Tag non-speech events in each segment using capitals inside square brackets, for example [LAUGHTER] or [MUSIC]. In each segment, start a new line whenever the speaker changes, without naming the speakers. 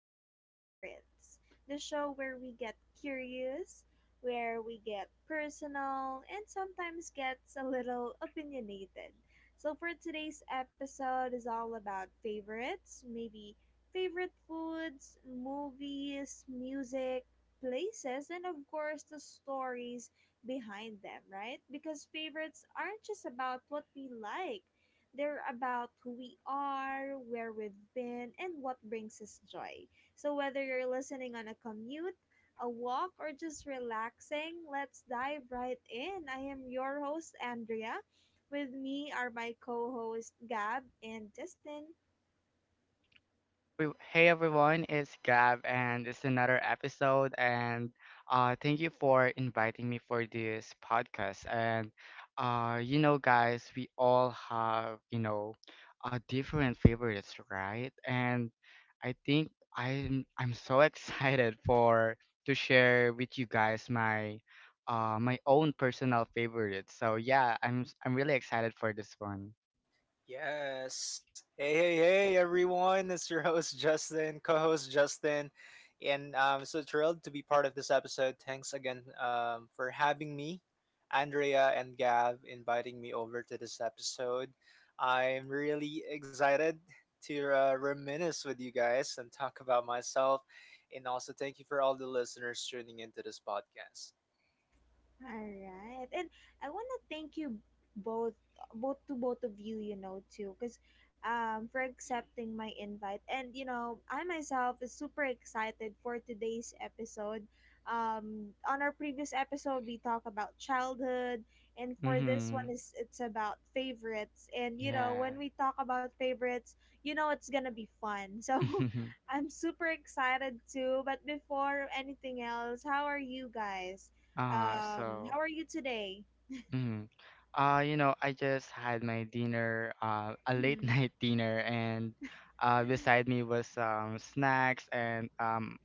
Time Favorites, the show where we get curious, where we get personal, and sometimes gets a little opinionated. So for today's episode, is all about favorites, maybe favorite foods, movies, music, places, and of course, the stories behind them, right? Because favorites aren't just about what we like, they're about who we are, where we've been, and what brings us joy. So whether you're listening on a commute, a walk, or just relaxing, let's dive right in. I am your host, Andrea. With me are my co host, Gab and Justin.
Hey everyone, it's Gab, and it's another episode. And Thank you for inviting me for this podcast. Guys, we all have different favorites, right? And I think I'm so [LAUGHS] excited for to share with you guys my own personal favorites. So yeah, I'm really excited for this one.
Yes. Hey, hey, hey, everyone. It's your host, Justin, co host, Justin. And I'm so thrilled to be part of this episode. Thanks again for having me, Andrea and Gav, inviting me over to this episode. I'm really excited to reminisce with you guys and talk about myself. And also, thank you for all the listeners tuning into this podcast.
All right. And I want to thank you both, both to both of you, you know, too, cuz for accepting my invite. And you know, I myself is super excited for today's episode. On our previous episode we talked about childhood, and for this
Mm-hmm.
one is it's about favorites. And you know,
Yeah.
when we talk about favorites, you know it's going to be fun. [LAUGHS] So
[LAUGHS]
I'm super excited too. But before anything else, how are you guys?
uh
How
so
are you today?
Mm. You know, I just had my dinner, a late [LAUGHS]
Mhm.
night dinner, and beside me was snacks. And um,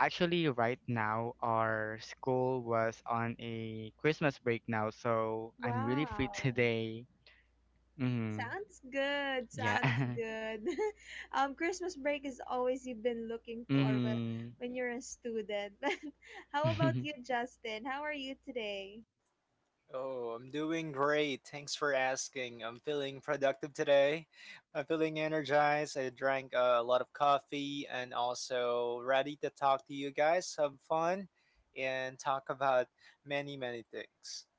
actually, Right now, our school was on a Christmas break now, so I'm really free [LAUGHS]
Wow.
today. Mm-hmm.
Sounds good.
Yeah.
Sounds
[LAUGHS]
good. [LAUGHS] Christmas break is always you've been looking for
mm-hmm.
when you're a student. [LAUGHS] But how about you,
[LAUGHS]
Justin? How are you today?
Oh, I'm doing great. Thanks for asking. I'm feeling productive today. I'm feeling energized. I drank a lot of coffee and also ready to talk to you guys, have fun, and talk about many, many things.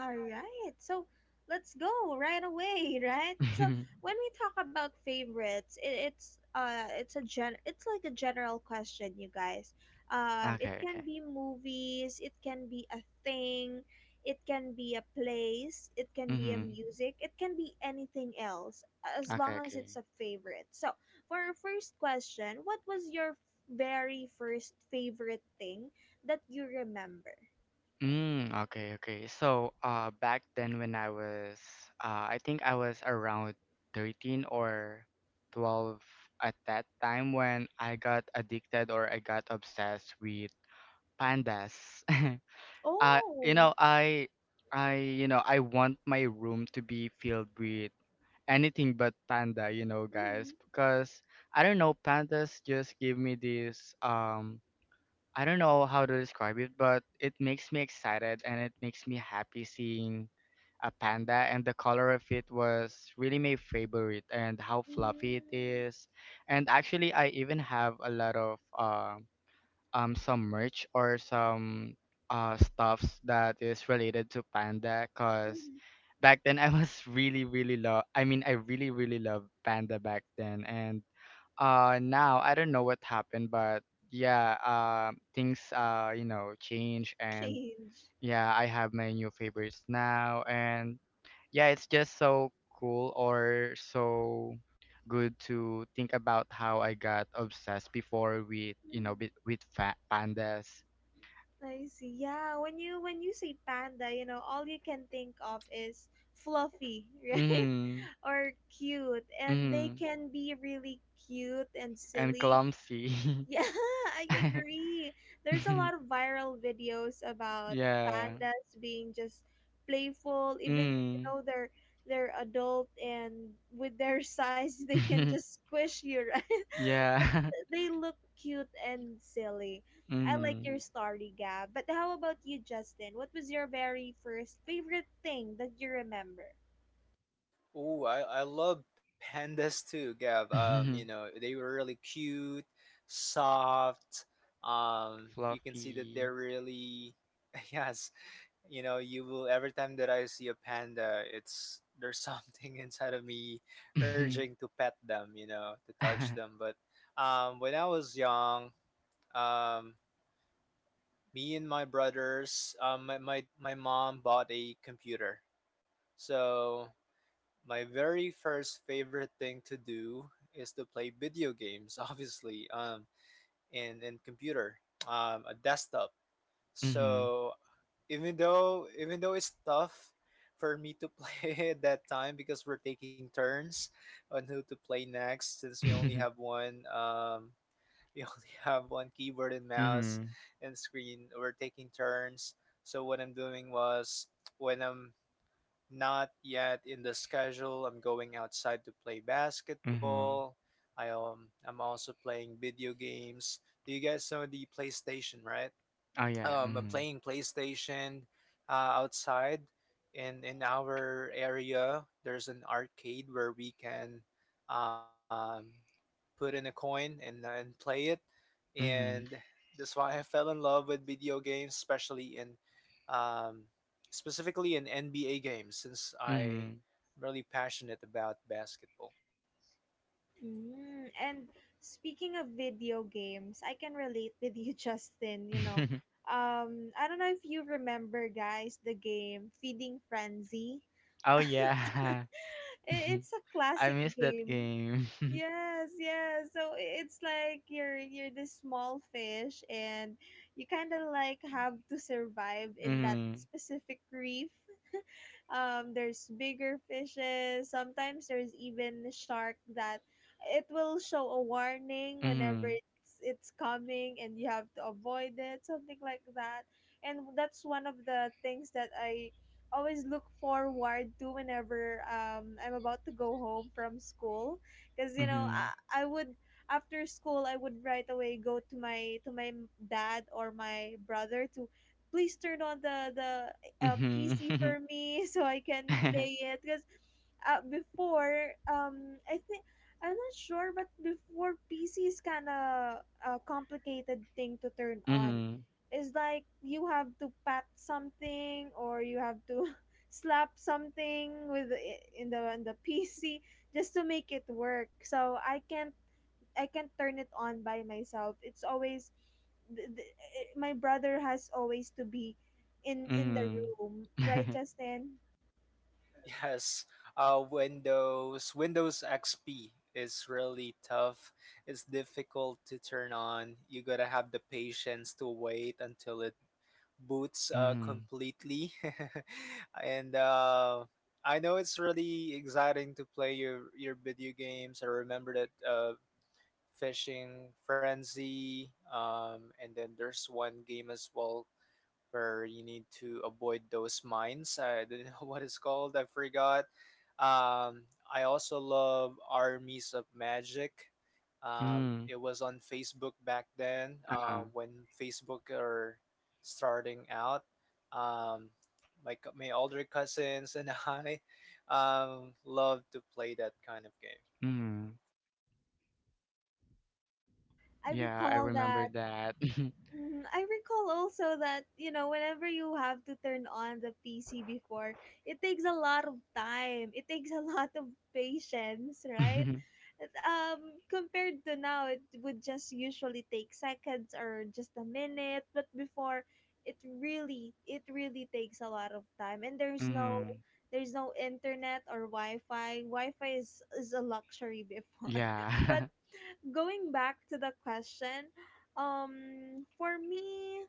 All right. So let's go right away, [LAUGHS] right? So when we talk about favorites, it's it's a gen it's like a general question, you guys. Um, it
Okay,
can
okay.
be movies, it can be a thing, it can be a place, it can be a
Mm-hmm.
music, it can be anything else as
Okay,
long as
okay.
it's a favorite. So, for our first question, what was your very first favorite thing that you remember?
Okay, okay. So, back then when I was, I think I was around 13 or 12 at that time when I got addicted or I got obsessed with pandas. [LAUGHS] Uh, you
Oh.
know, I, I want my room to be filled with anything but panda, you know, guys, because I don't know, pandas just give me this, I don't know how to describe it, but it makes me excited and it makes me happy seeing a panda, and the color of it was really my favorite, and how fluffy it
Mm,
is. And actually I even have a lot of some merch or some stuffs that is related to panda cuz
mhm.
back then [LAUGHS] I mean I really really loved panda back then, and now I don't know what happened, but yeah, things, you know, change. And
Change.
yeah, I have my new favorites now, and yeah, it's just so cool or so good to think about how I got obsessed before with, you know,
Mhm.
with fat pandas.
I see. Yeah, when you say panda, you know, all you can think of is fluffy, [LAUGHS] right?
Hmm.
Or cute. And they
Hmm.
can be really cute and
And
silly.
clumsy.
Yeah, [LAUGHS] I
[LAUGHS]
agree. There's a lot of viral videos about
Yeah.
pandas being just playful, even though, you
Hmm.
know they're adult, and with their [LAUGHS] size they can
[LAUGHS]
just squish you, [LAUGHS] right? But
Yeah.
they look cute and silly.
[LAUGHS]
I like
Hmm.
your story, Gab. But how about you, Justin? What was your very first favorite thing that you remember?
Oh, I love pandas too, Gab.
[LAUGHS]
They were really cute, soft. You can see that
Fluffy.
they're
[LAUGHS]
really, [LAUGHS] yes, you know you will. Every time that I see a panda, it's there's something [LAUGHS] inside of me urging to pet them, you know, to touch them. But when I was young, um me and my brothers, my mom bought a computer. So my very first favorite thing to do is to play video games, [LAUGHS] obviously, in computer, a desktop.
Mhm.
So even though it's tough for me to play [LAUGHS] at that time because we're taking turns on who to play next, since we only
Mhm.
have one [LAUGHS] we only have one keyboard and mouse
Mhm.
and screen. We're taking turns. So what I'm doing was when I'm not yet in the schedule, I'm going outside to play
Mhm.
basketball.
[LAUGHS]
I'm also playing video games. Do you guys know the PlayStation, right?
Oh yeah.
I'm
Mhm.
playing PlayStation outside. In our area, there's an arcade where we can um, put in a coin and play it. And
Mhm.
that's why I fell in love with video games, especially in um, specifically in NBA games, since I'm
Mhm.
really passionate about basketball.
Mm, and speaking of video games, I can relate with you, [LAUGHS] Justin. You know,
[LAUGHS]
I don't know if you remember, guys, the game Feeding Frenzy.
Oh
[LAUGHS] I-
yeah. [LAUGHS]
it's a
I
classic
miss that
game.
game. [LAUGHS]
Yes, yes. So it's like you're this small fish, and you kind of like have to survive in that
Mhm.
specific reef, there's bigger fishes. Sometimes there's even shark that it will show a warning whenever
Mhm.
it's coming, and you have to avoid it, something like that. And that's one of the things that I always look forward to whenever I'm about to go home from school because you know
Mhm.
I would, after school I would right away go to my dad or my brother to please turn on the a
Mhm.
PC
Mhm.
for me [LAUGHS] so I can play it because before I think I'm not sure, but before PC is kind of a complicated thing to turn on.
Mhm.
It's like you have to pat something or you have to [LAUGHS] slap something with in the PC just to make it work. So I can't, I can't turn it on by myself. It's always my brother has always to be in the
Mhm.
room, right,
Mhm. [LAUGHS]
Justin?
Yes, Windows XP is really tough. It's difficult to turn on. You gotta have the patience to wait until it boots
[LAUGHS]
completely. [LAUGHS] and I know it's really exciting to play your video games. I remember that Fishing Frenzy, and then there's one game as well where you need to avoid those mines. I don't know [LAUGHS] what it's called. I forgot. I also love Armies of Magic. It was on Facebook back then
Uh-huh.
when Facebook are starting out. Um, my older cousins and [LAUGHS] I love to play that kind of game.
Mhm.
I
Yeah, I
recall
remember
that.
that.
Mm, I recall also that, you know, whenever you have to turn on the PC before, it takes a lot of time. It takes a [LAUGHS] lot of patience, right?
[LAUGHS]
Um, compared to now, it would just usually take seconds or just a minute, but before, it it really takes a lot of time. And
Mhm.
there's no internet or Wi-Fi. Wi-Fi is a luxury before, [LAUGHS] but
Yeah.
going back to the question, for me,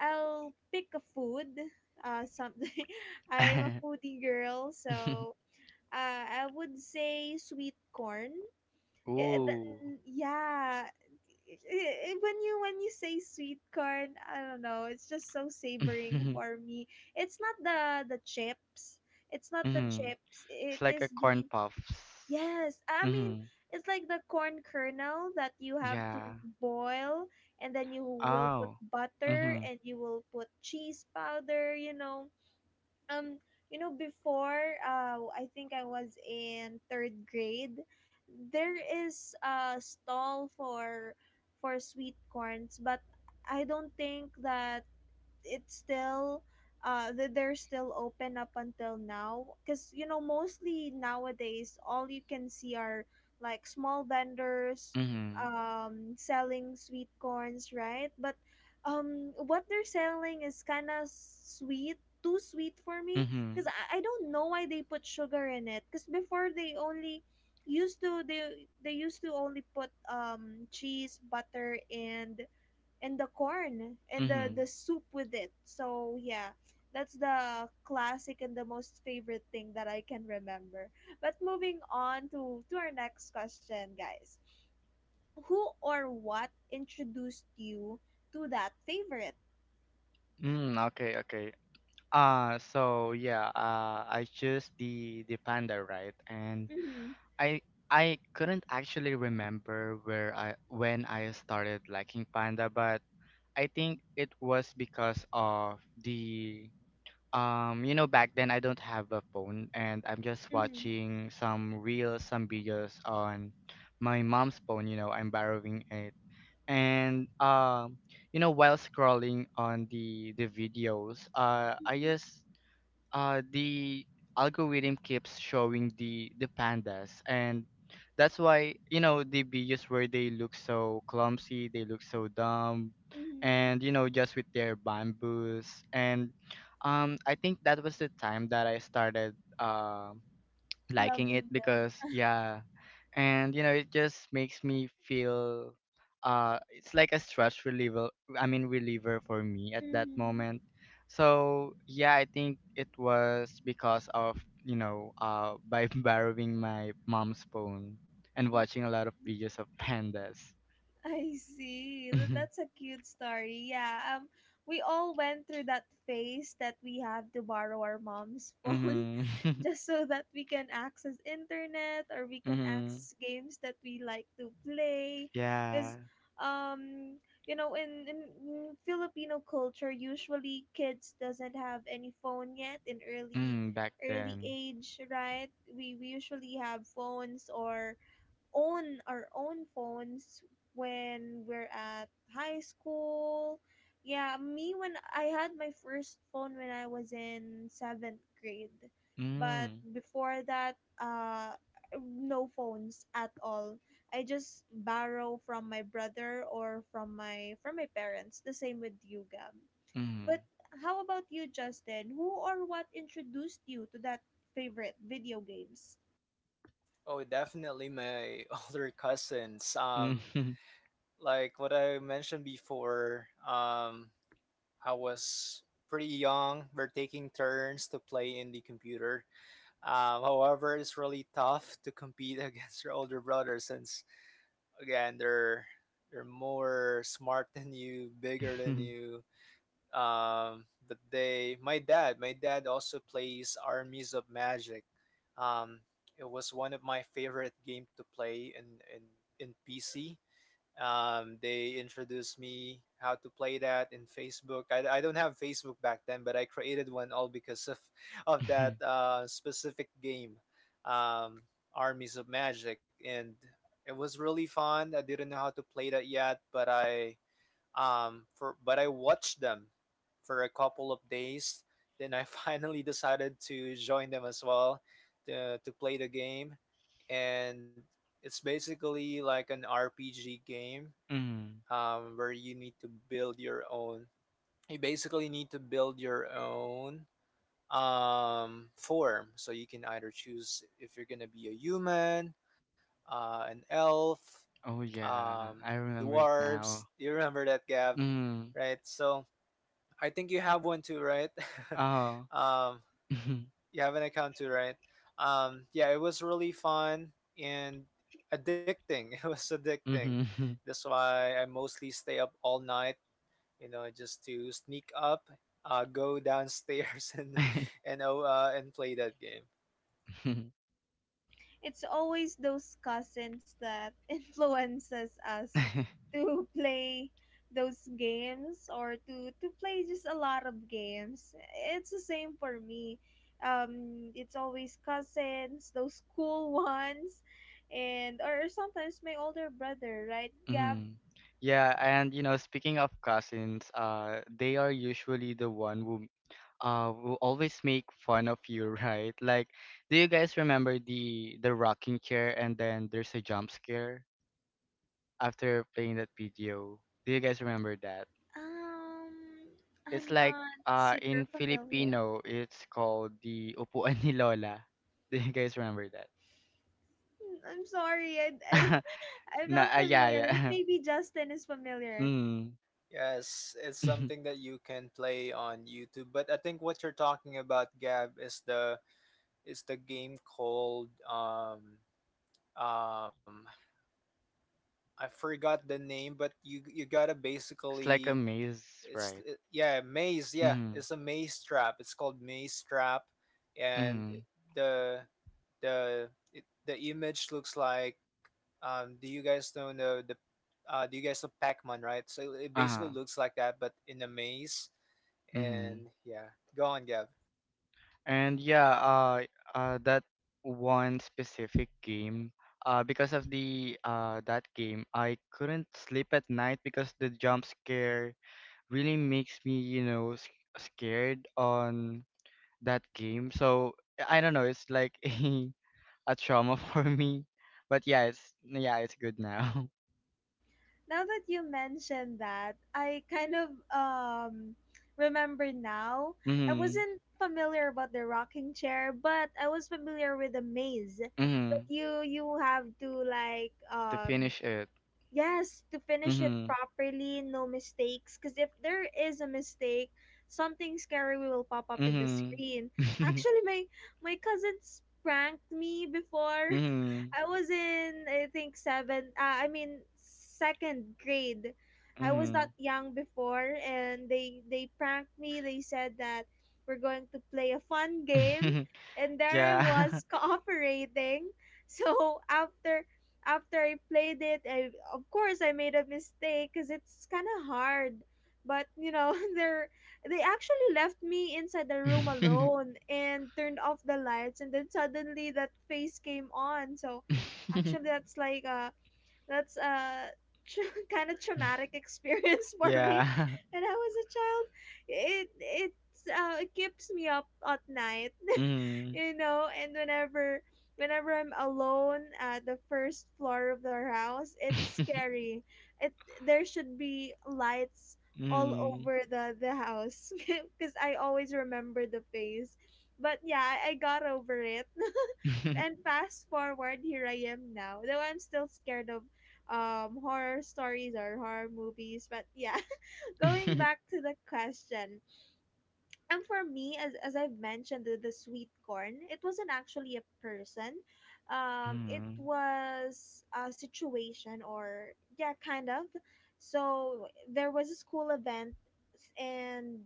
I'll pick a food. Something. [LAUGHS] I'm a
[LAUGHS]
foodie girl, so I would say sweet corn.
Ooh.
Yeah, when you say sweet corn, I don't know, it's just so savoring
Mm-hmm.
for me. It's not the chips. It's
[LAUGHS]
not the
Hmm.
chips. It
It's like a
is
corn
the—
puffs.
Yes, I mean
Mm-hmm.
it's like the corn kernel that you have to
Yeah.
boil, and then you will put
Oh.
butter
Mm-hmm.
and you will put cheese powder. Um, you know before I think I was in third grade, there is a stall for sweet corns, but I don't think that it's still uh, that they're still open up until now, because you know mostly nowadays all you can see are like small vendors
Mm-hmm.
um, selling sweet corns, right? But um, what they're selling is kind of sweet, too sweet for me
Mm-hmm.
because I don't know why they put sugar in it, because before they only used to they used to only put um, cheese, butter, and the corn and
Mm-hmm.
the soup with it. So yeah, that's the classic and the most favorite thing that I can remember. But moving on to our next question, guys. Who or what introduced you to that favorite?
Okay, okay. I chose the panda, right? And
Mhm.
I I couldn't actually remember where I when I started liking panda, but I think it was because of the You know, back then I don't have a phone and I'm just
Mhm.
watching some reels, some videos on my mom's phone, you know, I'm borrowing it. And You know, while scrolling on the videos, I
Mhm.
just the algorithm keeps showing the pandas, and that's why, you know, the videos where they look so clumsy, they look so dumb,
Mhm.
and you know, just with their bamboos. And I think that was the time that I started Um, liking it
Loving them.
because yeah, and you know it just makes me feel, it's like a stress reliever, reliever for me at that
Mhm.
moment. So yeah, I think it was because of, you know, by [LAUGHS] borrowing my mom's phone and watching a lot of
Mhm.
videos of pandas.
I see.
[LAUGHS]
That's a cute story. Yeah. Um, we all went through that phase that we have to borrow our mom's [LAUGHS] phone
Mhm. [LAUGHS]
just so that we can access internet or we can
Mhm.
access games that we like to play,
Yeah.
cuz um, you know in Filipino culture usually kids doesn't have any phone yet in early,
Mm, back
early
then.
age, right? We usually have phones or own our own phones when we're at high school. Yeah, me when I had my first phone when I was in seventh grade, but
Mm.
before that, no phones at all. I just borrow from my brother or from my parents. The same with you, Gab.
Mhm.
But
[LAUGHS]
how about you, Justin? Who or what introduced you to that favorite video games?
Oh, definitely my [LAUGHS] older cousins.
Mhm.
Like what I mentioned before. I was pretty young. We're taking turns to play in the computer. However, it's really tough to compete [LAUGHS] against your older brother, since again they're more smart than you, bigger than you. My dad, my dad also plays Armies of Magic. Um, it was one of my favorite game to play in in PC. They introduced me how to play that in Facebook. I don't have Facebook back then, but I created one all because of [LAUGHS] of that specific game, um, Armies of Magic, and it was really fun. I didn't know how to play that yet, but I watched them for a couple of days. Then I [LAUGHS] finally decided to join them as well to play the game, and it's basically like an RPG game,
[LAUGHS] Mhm.
where you need to build your own. You basically need to build your own form. So you can either choose if you're gonna be a human, an elf,
Oh yeah,
um,
I remember it
dwarves.
now.
You remember that, Gav,
Mm.
right? So I think you have one too, right? [LAUGHS]
Oh.
um,
[LAUGHS]
you have an account too, right? Yeah, it was really fun and addicting. [LAUGHS] It was addicting.
Mm-hmm.
That's why I mostly stay up all night, you know, just to sneak up, go downstairs [LAUGHS] and and
[LAUGHS]
oh, uh, and play that game.
It's always those cousins that [LAUGHS] influences us to play those games or to play just a lot of games. It's the same for me. It's always cousins, those cool [LAUGHS] ones, and or sometimes my older brother, right, Gab?
Mm-hmm. Yeah, and you know, speaking of cousins, they are usually the one who will always make fun of you, [LAUGHS] right? Like, do you guys remember the rocking chair and then there's a jump scare after playing that video? Do you guys remember that?
Um,
It's
I'm
like
not
in
super familiar.
Filipino it's called the upuan ni Lola. [LAUGHS] Do you guys remember that?
Hmm, I'm sorry, I
[LAUGHS]
[LAUGHS] I'm
Na
not
yeah
familiar, but
yeah. [LAUGHS]
maybe Justin is familiar.
Mm.
Yes, it's
[LAUGHS] It's
something that you can play on YouTube. But I think what you're talking about, Gab, is the game called um I forgot the name, but you gotta
like a
basically
maze,
it's
right?
it, yeah maze, yeah,
Mm.
it's a maze trap. It's called maze trap. And
Mm.
the the image looks like do you guys know the do you guys know Pac-Man, right? So it basically
Uh-huh.
looks like that, but in a maze.
Mm.
And yeah, go on Gab.
And yeah, that one specific game, because of the that game I couldn't sleep at night because the jump scare really makes me, you know, scared on that game. So I don't know. It's like [LAUGHS] a trauma for me. But yeah, it's good now. [LAUGHS]
Now that you mentioned that, I kind of um, remember now. I
Mhm.
wasn't familiar about the rocking chair, but I was familiar with the maze that
Mhm.
you have to like
To
um,
finish it.
yes, to finish it
Mhm.
properly, no mistakes, because if there is a mistake, something scary will pop up in the
Mhm.
screen.
[LAUGHS]
Actually, my cousins pranked me before. [LAUGHS]
Mhm.
I was in I think seven. I mean second grade. I was not
Mhm.
young before, and they pranked me. They said that we're going to play a fun game,
[LAUGHS]
and there I
Yeah.
was [LAUGHS] cooperating. So after, after I played it, I of course I made a mistake because it's kind of hard. But you know, [LAUGHS] they're, they actually left me inside the room
[LAUGHS]
alone and turned off the lights, and then suddenly that face came on, so— Actually, that's like that's a [LAUGHS] kind of traumatic experience [LAUGHS] for me
Yeah. [LAUGHS]
when I was a child. It it's it keeps me up at night. [LAUGHS]
Mhm.
You know, and whenever, whenever I'm alone at the first floor of their house, it's
[LAUGHS]
scary. It, there should be lights all
Mhm.
over the house [LAUGHS] because I always remember the face. But yeah, I got over it [LAUGHS] and
[LAUGHS]
fast forward, here I am now, though I'm still scared of um, horror stories or horror movies. But yeah, [LAUGHS] going back to the question, and for me, as I've mentioned, the sweet corn, it wasn't actually a person. It
Mhm.
was a situation or yeah, kind of. So there was a school event, and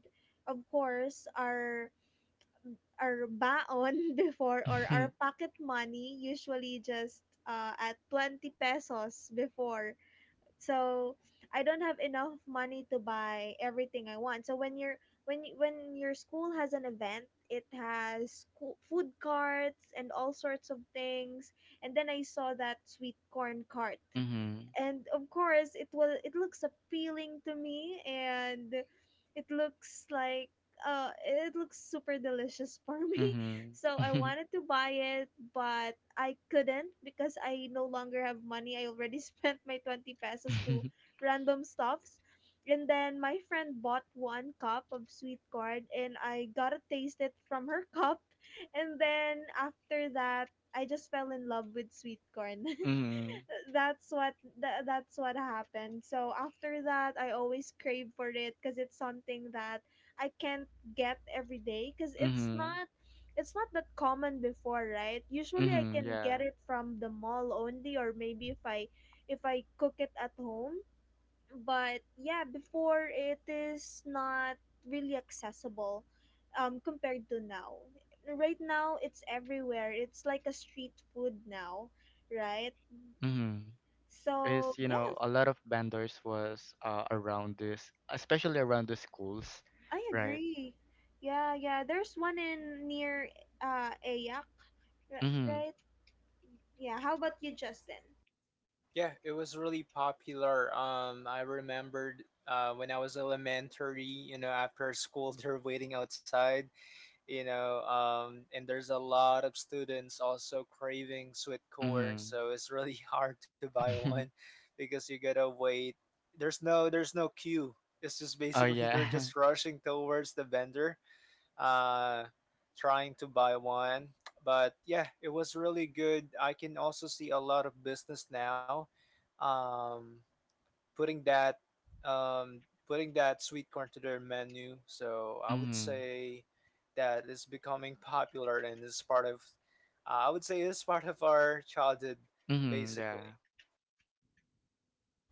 of course our baon [LAUGHS] before, or our
[LAUGHS]
pocket money, usually just at 20 pesos before. So I don't have enough money to buy everything I want. So when your school has an event, it has food carts and all sorts of things. And then I saw that sweet corn cart,
Mhm. [LAUGHS]
and of course it looks appealing to me, and it looks like it looks super delicious [LAUGHS] for me.
Mhm.
So I
[LAUGHS] Mhm.
wanted
[LAUGHS]
to buy it, but I couldn't because I no longer have money. I already [LAUGHS] spent my 20 pesos to random stuffs. And then my friend bought one cup of sweet corn, and I got to taste it from her [LAUGHS] cup. And then after that, I just fell in love with sweet corn. [LAUGHS]
Mhm. Mhm.
that's what that's what happened. So after that, I always crave for it because it's something that I can't get every day, because it's not that common before, right? Usually I
Mhm. [LAUGHS]
can
Yeah.
get it from the mall only, or maybe if I cook it at home. But yeah, before it is not really accessible, um, compared to now. Right now it's everywhere. It's like a street food now, right?
Mm-hmm. Is,
So
you know,
yes,
a lot of vendors was around this, especially around the schools,
I
right?
agree. Yeah, yeah. There's one in near Ayak,
Mm-hmm.
right? Yeah. How about you, Justin?
Yeah, it was really popular. I remembered when I was elementary, you know, after school [LAUGHS] they're waiting outside, you know, and there's a lot of students also craving sweet corn,
Mm-hmm.
so it's really [LAUGHS] hard to buy one because you gotta wait. There's no queue. It's just
[LAUGHS] Oh
basically [LAUGHS] they're
yeah. [LAUGHS]
just rushing towards the vendor, uh, trying to buy one. But yeah, it was really good. I can also see a lot of business now um, putting that um, putting that sweet corn to their menu. So I would
Mm-hmm.
say that it's becoming popular and this is part of I would say this is part of our childhood
Mm-hmm. Yeah.
basically.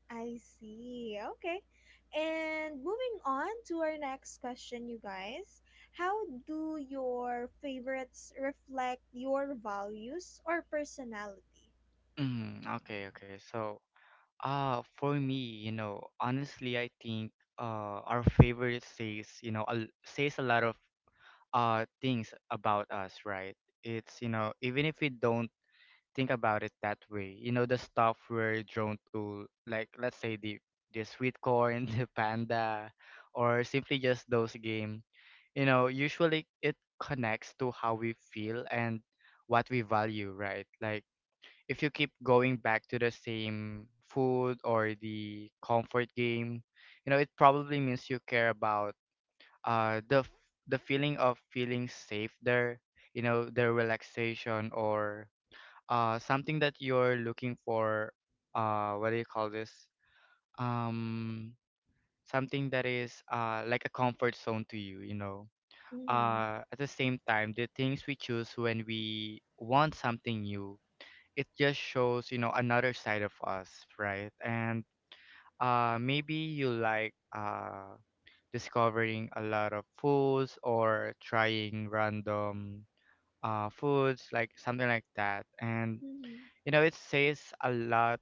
I see. Okay. And moving on to our next question, you guys. How do your favorites reflect your values or personality?
Mm-hmm. Okay, okay. So, for me, you know, honestly, I think our favorite says, you know, a l says a lot of things about us, right? It's, you know, even if we don't think about it that way. You know, the stuff we're drawn to, like let's say the sweet corn, [LAUGHS] the panda, or simply just those game. You know, usually it connects to how we feel and what we value, right? Like if you keep going back to the same food or the comfort game, you know, it probably means you care about uh the f- the feeling of feeling safe there, you know, the relaxation, or something that you're looking for, what do you call this, um something that is like a comfort zone to you, you know.
Mm-hmm.
At the same time, the things we choose when we want something new, it just shows, you know, another side of us, right? And maybe you like discovering a lot of foods or trying random foods, like something like that. And
Mm-hmm.
you know, it says a lot,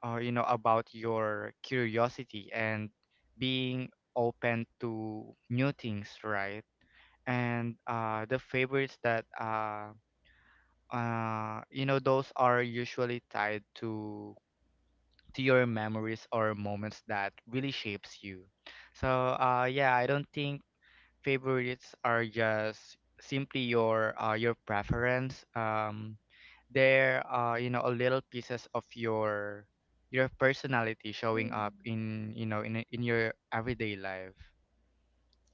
you know, about your curiosity and being open to new things, right? And the favorites that You know, those are usually tied to your memories or moments that really shapes you. So yeah, I don't think favorites are just simply your preference. They're, you know, a little pieces of your personality showing up
Mm-hmm.
in, you know, in your everyday life.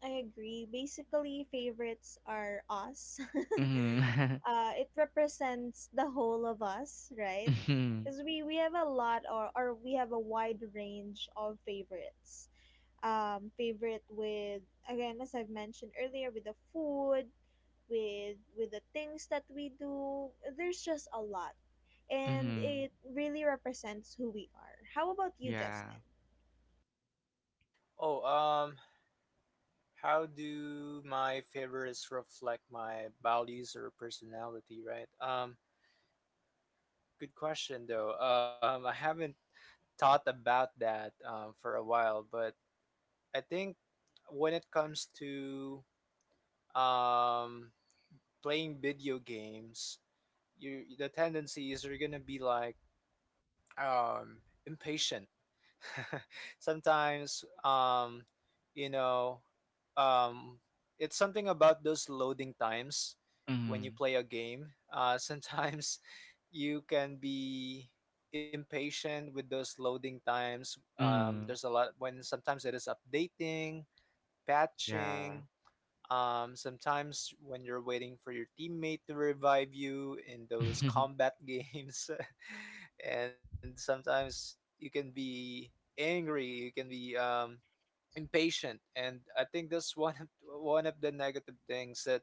I agree. Basically, favorites are us. [LAUGHS]
Mm-hmm.
It represents the whole of us,
[LAUGHS]
right?
Mm-hmm.
Because we have a lot, or we have a wide range of favorites. Favorite with, again, as I've mentioned earlier, with the food, with the things that we do. There's just a lot, and
Mm-hmm.
it really represents who we are. How about you,
Yeah.
Justin?
Oh, how do my favorites reflect my values or personality, right? Um, good question though. Um, I haven't thought about that for a while, but I think when it comes to um, playing video games, you the tendency is you're gonna be like impatient. [LAUGHS] Sometimes you know um it's something about those loading times when
Mm-hmm.
you play a game. Uh, sometimes [LAUGHS] you can be impatient with those loading times. Um,
Mm-hmm.
there's a lot when sometimes it is updating,
Yeah.
patching, sometimes when you're waiting for your teammate to revive you in
[LAUGHS]
those
Mm-hmm.
combat games, [LAUGHS] and sometimes you can be angry, you can be impatient. And I think that's one of the negative things that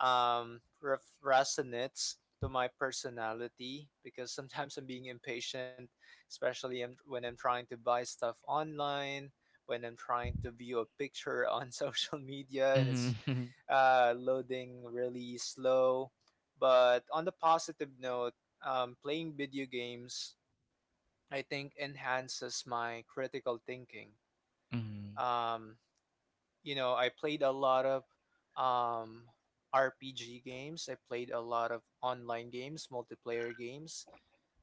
resonates to my personality because sometimes I'm being impatient, especially when I'm trying to buy stuff online, when I'm trying to view a picture on [LAUGHS] social media and it's
[LAUGHS]
loading really slow. But on the positive note, playing video games, I think, enhances my critical thinking.
Mm-hmm.
Um, you know, I played a lot of um, RPG games. I played a lot of online games, multiplayer games.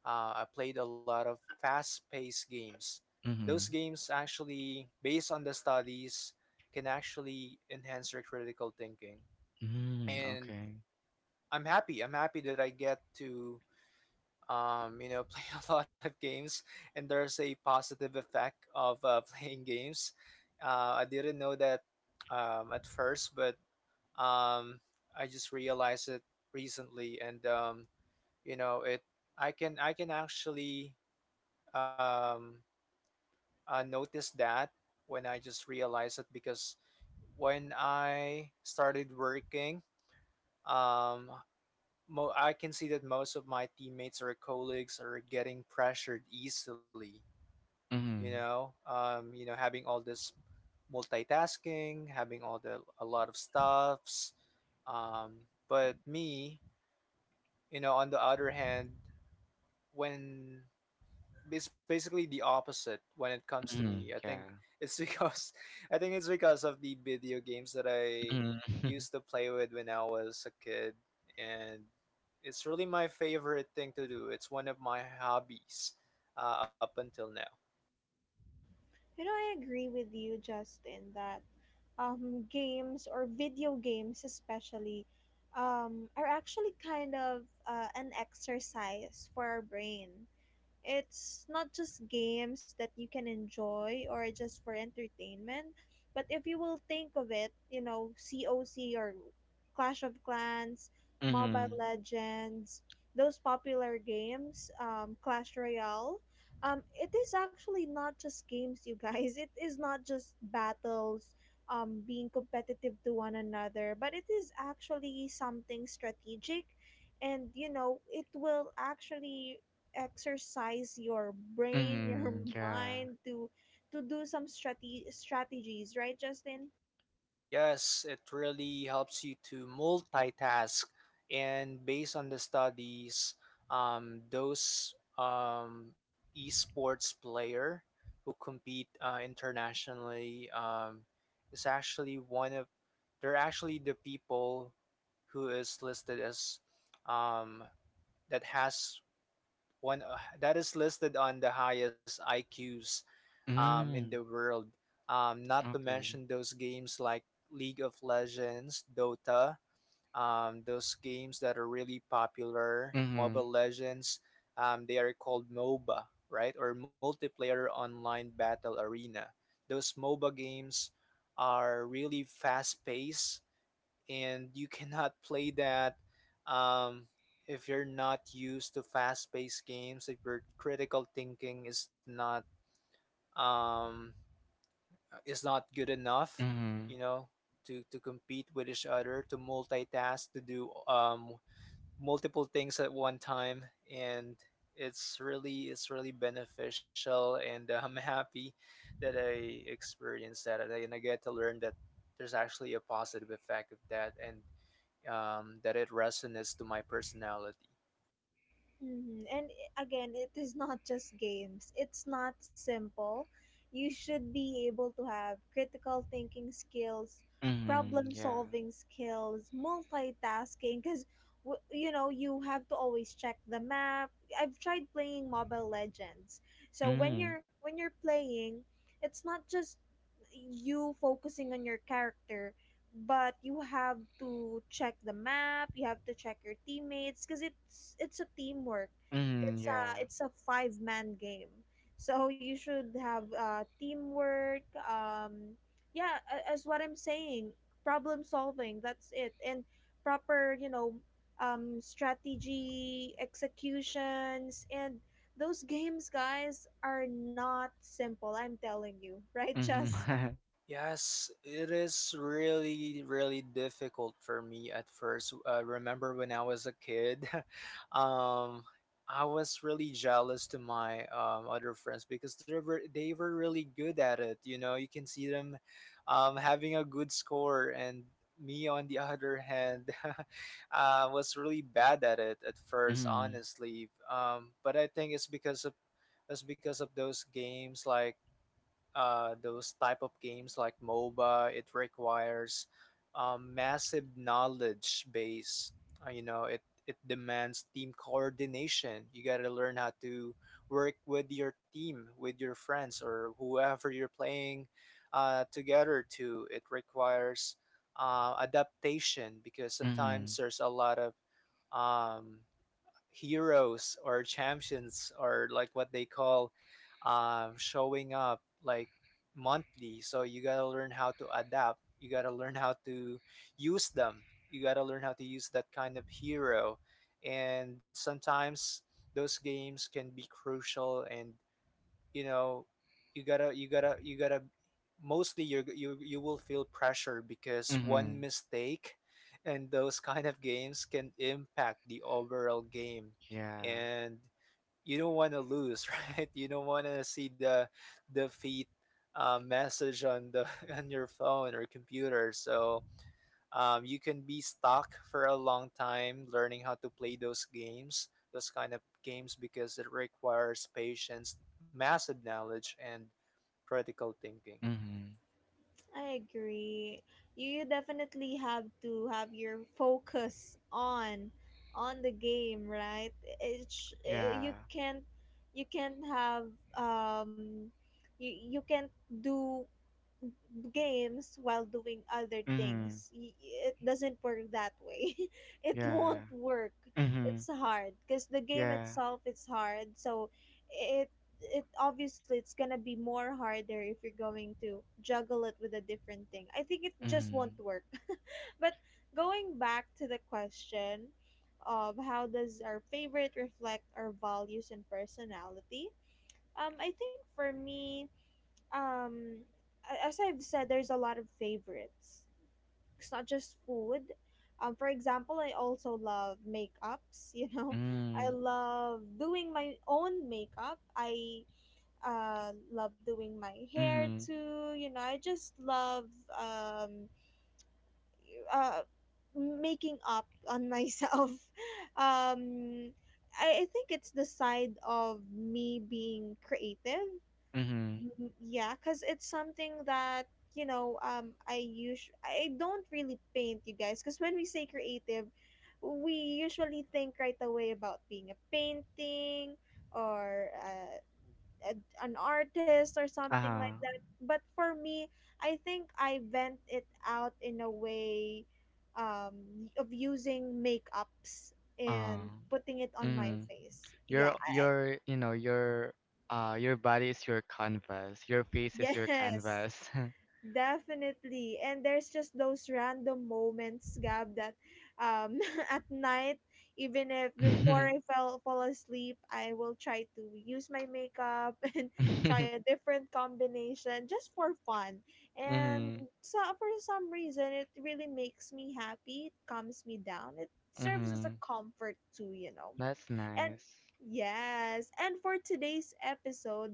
I played a lot of fast paced games. Those
Mm-hmm.
games actually, based on the studies, can actually enhance your critical thinking.
Mm-hmm.
And
Okay.
I'm happy. I'm happy that I get to, you know, [LAUGHS] play a lot of games. And there's a positive effect of [LAUGHS] playing games. I didn't know that at first, but um, I just realized it recently, and you know it. I can actually um, notice that when I just realized it, because when I started working, um, I can see that most of my teammates or colleagues are getting pressured easily.
Mm-hmm.
You know, having all this multitasking, having all the a lot of stuffs. But me, you know, on the other hand, when it's basically the opposite when it comes to
Mm-hmm.
me, I think
Yeah.
it's because [LAUGHS] I think it's because of the video games that I
Mm-hmm. [LAUGHS]
used to play with when I was a kid. And it's really my favorite thing to do. It's one of my hobbies up until now.
You know, I agree with you, Justin, that games or video games, especially, are actually kind of an exercise for our brain. It's not just games that you can enjoy or just for entertainment. But if you will think of it, you know, coc, or clash of clans, mobile
Mm-hmm.
legends, those popular games, clash royale, it is actually not just games, you guys. [LAUGHS] It is not just battles, being competitive to one another, but it is actually something strategic. And you know, it will actually exercise your brain, [LAUGHS] your
Mm-hmm. Yeah.
mind, to do some strategies, right, Justin?
Yes, it really helps you to multitask. And based on the studies, those esports player who compete internationally is actually one of they're actually the people who is listed as um, that has one that is listed on the highest IQs in the
Mm,
world. Not to
okay.
mention those games like League of Legends, Dota, those games that are really popular,
Mm-hmm.
Mobile Legends. They are called MOBA, right? Or Multiplayer Online Battle Arena. Those MOBA games are really fast paced and you cannot [LAUGHS] play that um, if you're not used to fast-paced games. If your critical thinking um, is not good enough,
Mm-hmm.
you know, to compete with each other, to multitask, to do multiple things at one time. And it's really beneficial. And I'm [LAUGHS] happy that I experienced that, and I get to learn that there's actually a positive effect of that, and that it resonates to my personality.
Mhm. And again, it is not just games. It's not simple. You should be able to have critical thinking skills,
Mm-hmm.
problem
Yeah.
solving skills, multitasking, cuz you know, you have to always check the map. I've tried playing Mobile Legends. So when
Mm.
you're when you're playing, it's not just you focusing on your character, but you have to check the map, you have to check your teammates, because it's a teamwork.
Mm-hmm.
it's
Yeah.
a it's a five-man game, so you should have teamwork. Um, yeah, as what I'm saying, problem solving, that's it, and proper, you know, um, strategy executions. And those games, guys, are not simple, I'm telling you. [LAUGHS] Right,
Mm-hmm.
just—
[LAUGHS]
Yes, it is really, really difficult for me at first. Remember when I was a kid, [LAUGHS] um, I was really jealous to my other friends because they were really good at it. You know, you can see them having a good score, and me on the other hand, [LAUGHS] was really bad at it at first,
Mm-hmm.
honestly. But I think it's because of those games like those type of games like MOBA, it requires massive knowledge base. You know, it demands team coordination. You got to learn how to work with your team, with your friends, or whoever you're playing together to. It requires adaptation because
Mm-hmm.
sometimes there's a lot of um, heroes or champions or like what they call showing up like monthly. So you gotta learn how to adapt. You gotta learn how to use them. You gotta learn how to use that kind of hero. And sometimes those games can be crucial, and you know you gotta mostly you you will feel pressure because
Mm-hmm.
one mistake and those [LAUGHS] kind of games can impact the overall game.
Yeah.
And you don't want to lose, [LAUGHS] right? You don't want to see the defeat message on the [LAUGHS] on your phone or computer. So you can be stuck for a long time learning how to play those games, those kind of games, because it requires patience, massive knowledge, and critical thinking.
Mm-hmm.
I agree. You definitely have to have your focus on the game, right? It's eh,
Yeah.
you can't— you can't have um you you can't do games while doing other
Mm-hmm.
things. Y— It doesn't work that way. [LAUGHS] It won't
Yeah.
work.
Mm-hmm.
It's hard because the game
Yeah.
itself is hard. So it it obviously it's gonna be more harder if you're going to juggle it with a different thing. I think it just won't
Mm-hmm.
work. [LAUGHS] But going back to the question of how does our favorite reflect our values and personality? I think for me, um, as I've said, there's a lot of favorites. It's not just food. For example, I also love makeups. [LAUGHS] You know, I
Mm.
love doing my own makeup. I love doing my hair
Mm-hmm.
too. You know, I just love, um, uh, making up on myself. [LAUGHS] Um, I think it's the side of me being creative.
Mm-hmm.
Mm, yeah, because it's something that, you know, um, I usually, I don't really paint, you guys, because when we say creative, we usually think right away about being a painting, or a, an artist or something
Uh-huh.
like that. But for me, I think I vent it out in a way, um, of using makeups
Uh.
and putting it on my
Mm.
face. Yeah.
Your, you know, your body is your canvas. Your
[LAUGHS]
face is your
Yes,
canvas. [LAUGHS]
definitely. And there's just those random moments, Gab, that, um, [LAUGHS] at night, even if
[LAUGHS]
before I fell fall asleep, I will try to use my makeup [LAUGHS] and try a different combination just for fun. And
Mm-hmm.
so for some reason it really makes me happy. It calms me down. It serves as
Mm-hmm.
a comfort too, you know.
That's
And
nice.
yes, and for today's episode,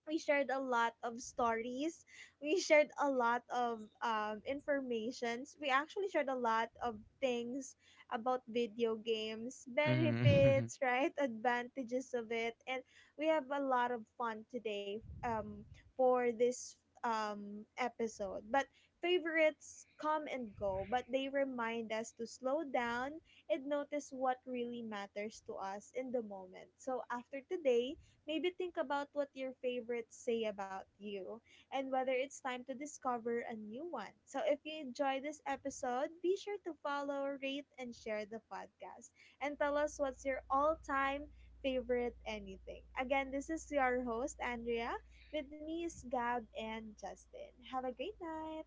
we shared a lot of stories. We shared a lot of, informations. We actually shared a lot of things about video games,
Mm-hmm.
benefits,
[LAUGHS]
right? [LAUGHS] Advantages of it. And we have a lot of fun today, for this, episode. But favorites come and go, but they remind us to slow down and notice what really matters to us in the moment. So after today, maybe think about what your favorites say about you and whether it's time to discover a new one. So if you enjoy this episode, be sure to follow, rate, and share the podcast. And tell us what's your all time favorite anything. Again, this is your host, Andrea. With me is Gab and Justin. Have a great night.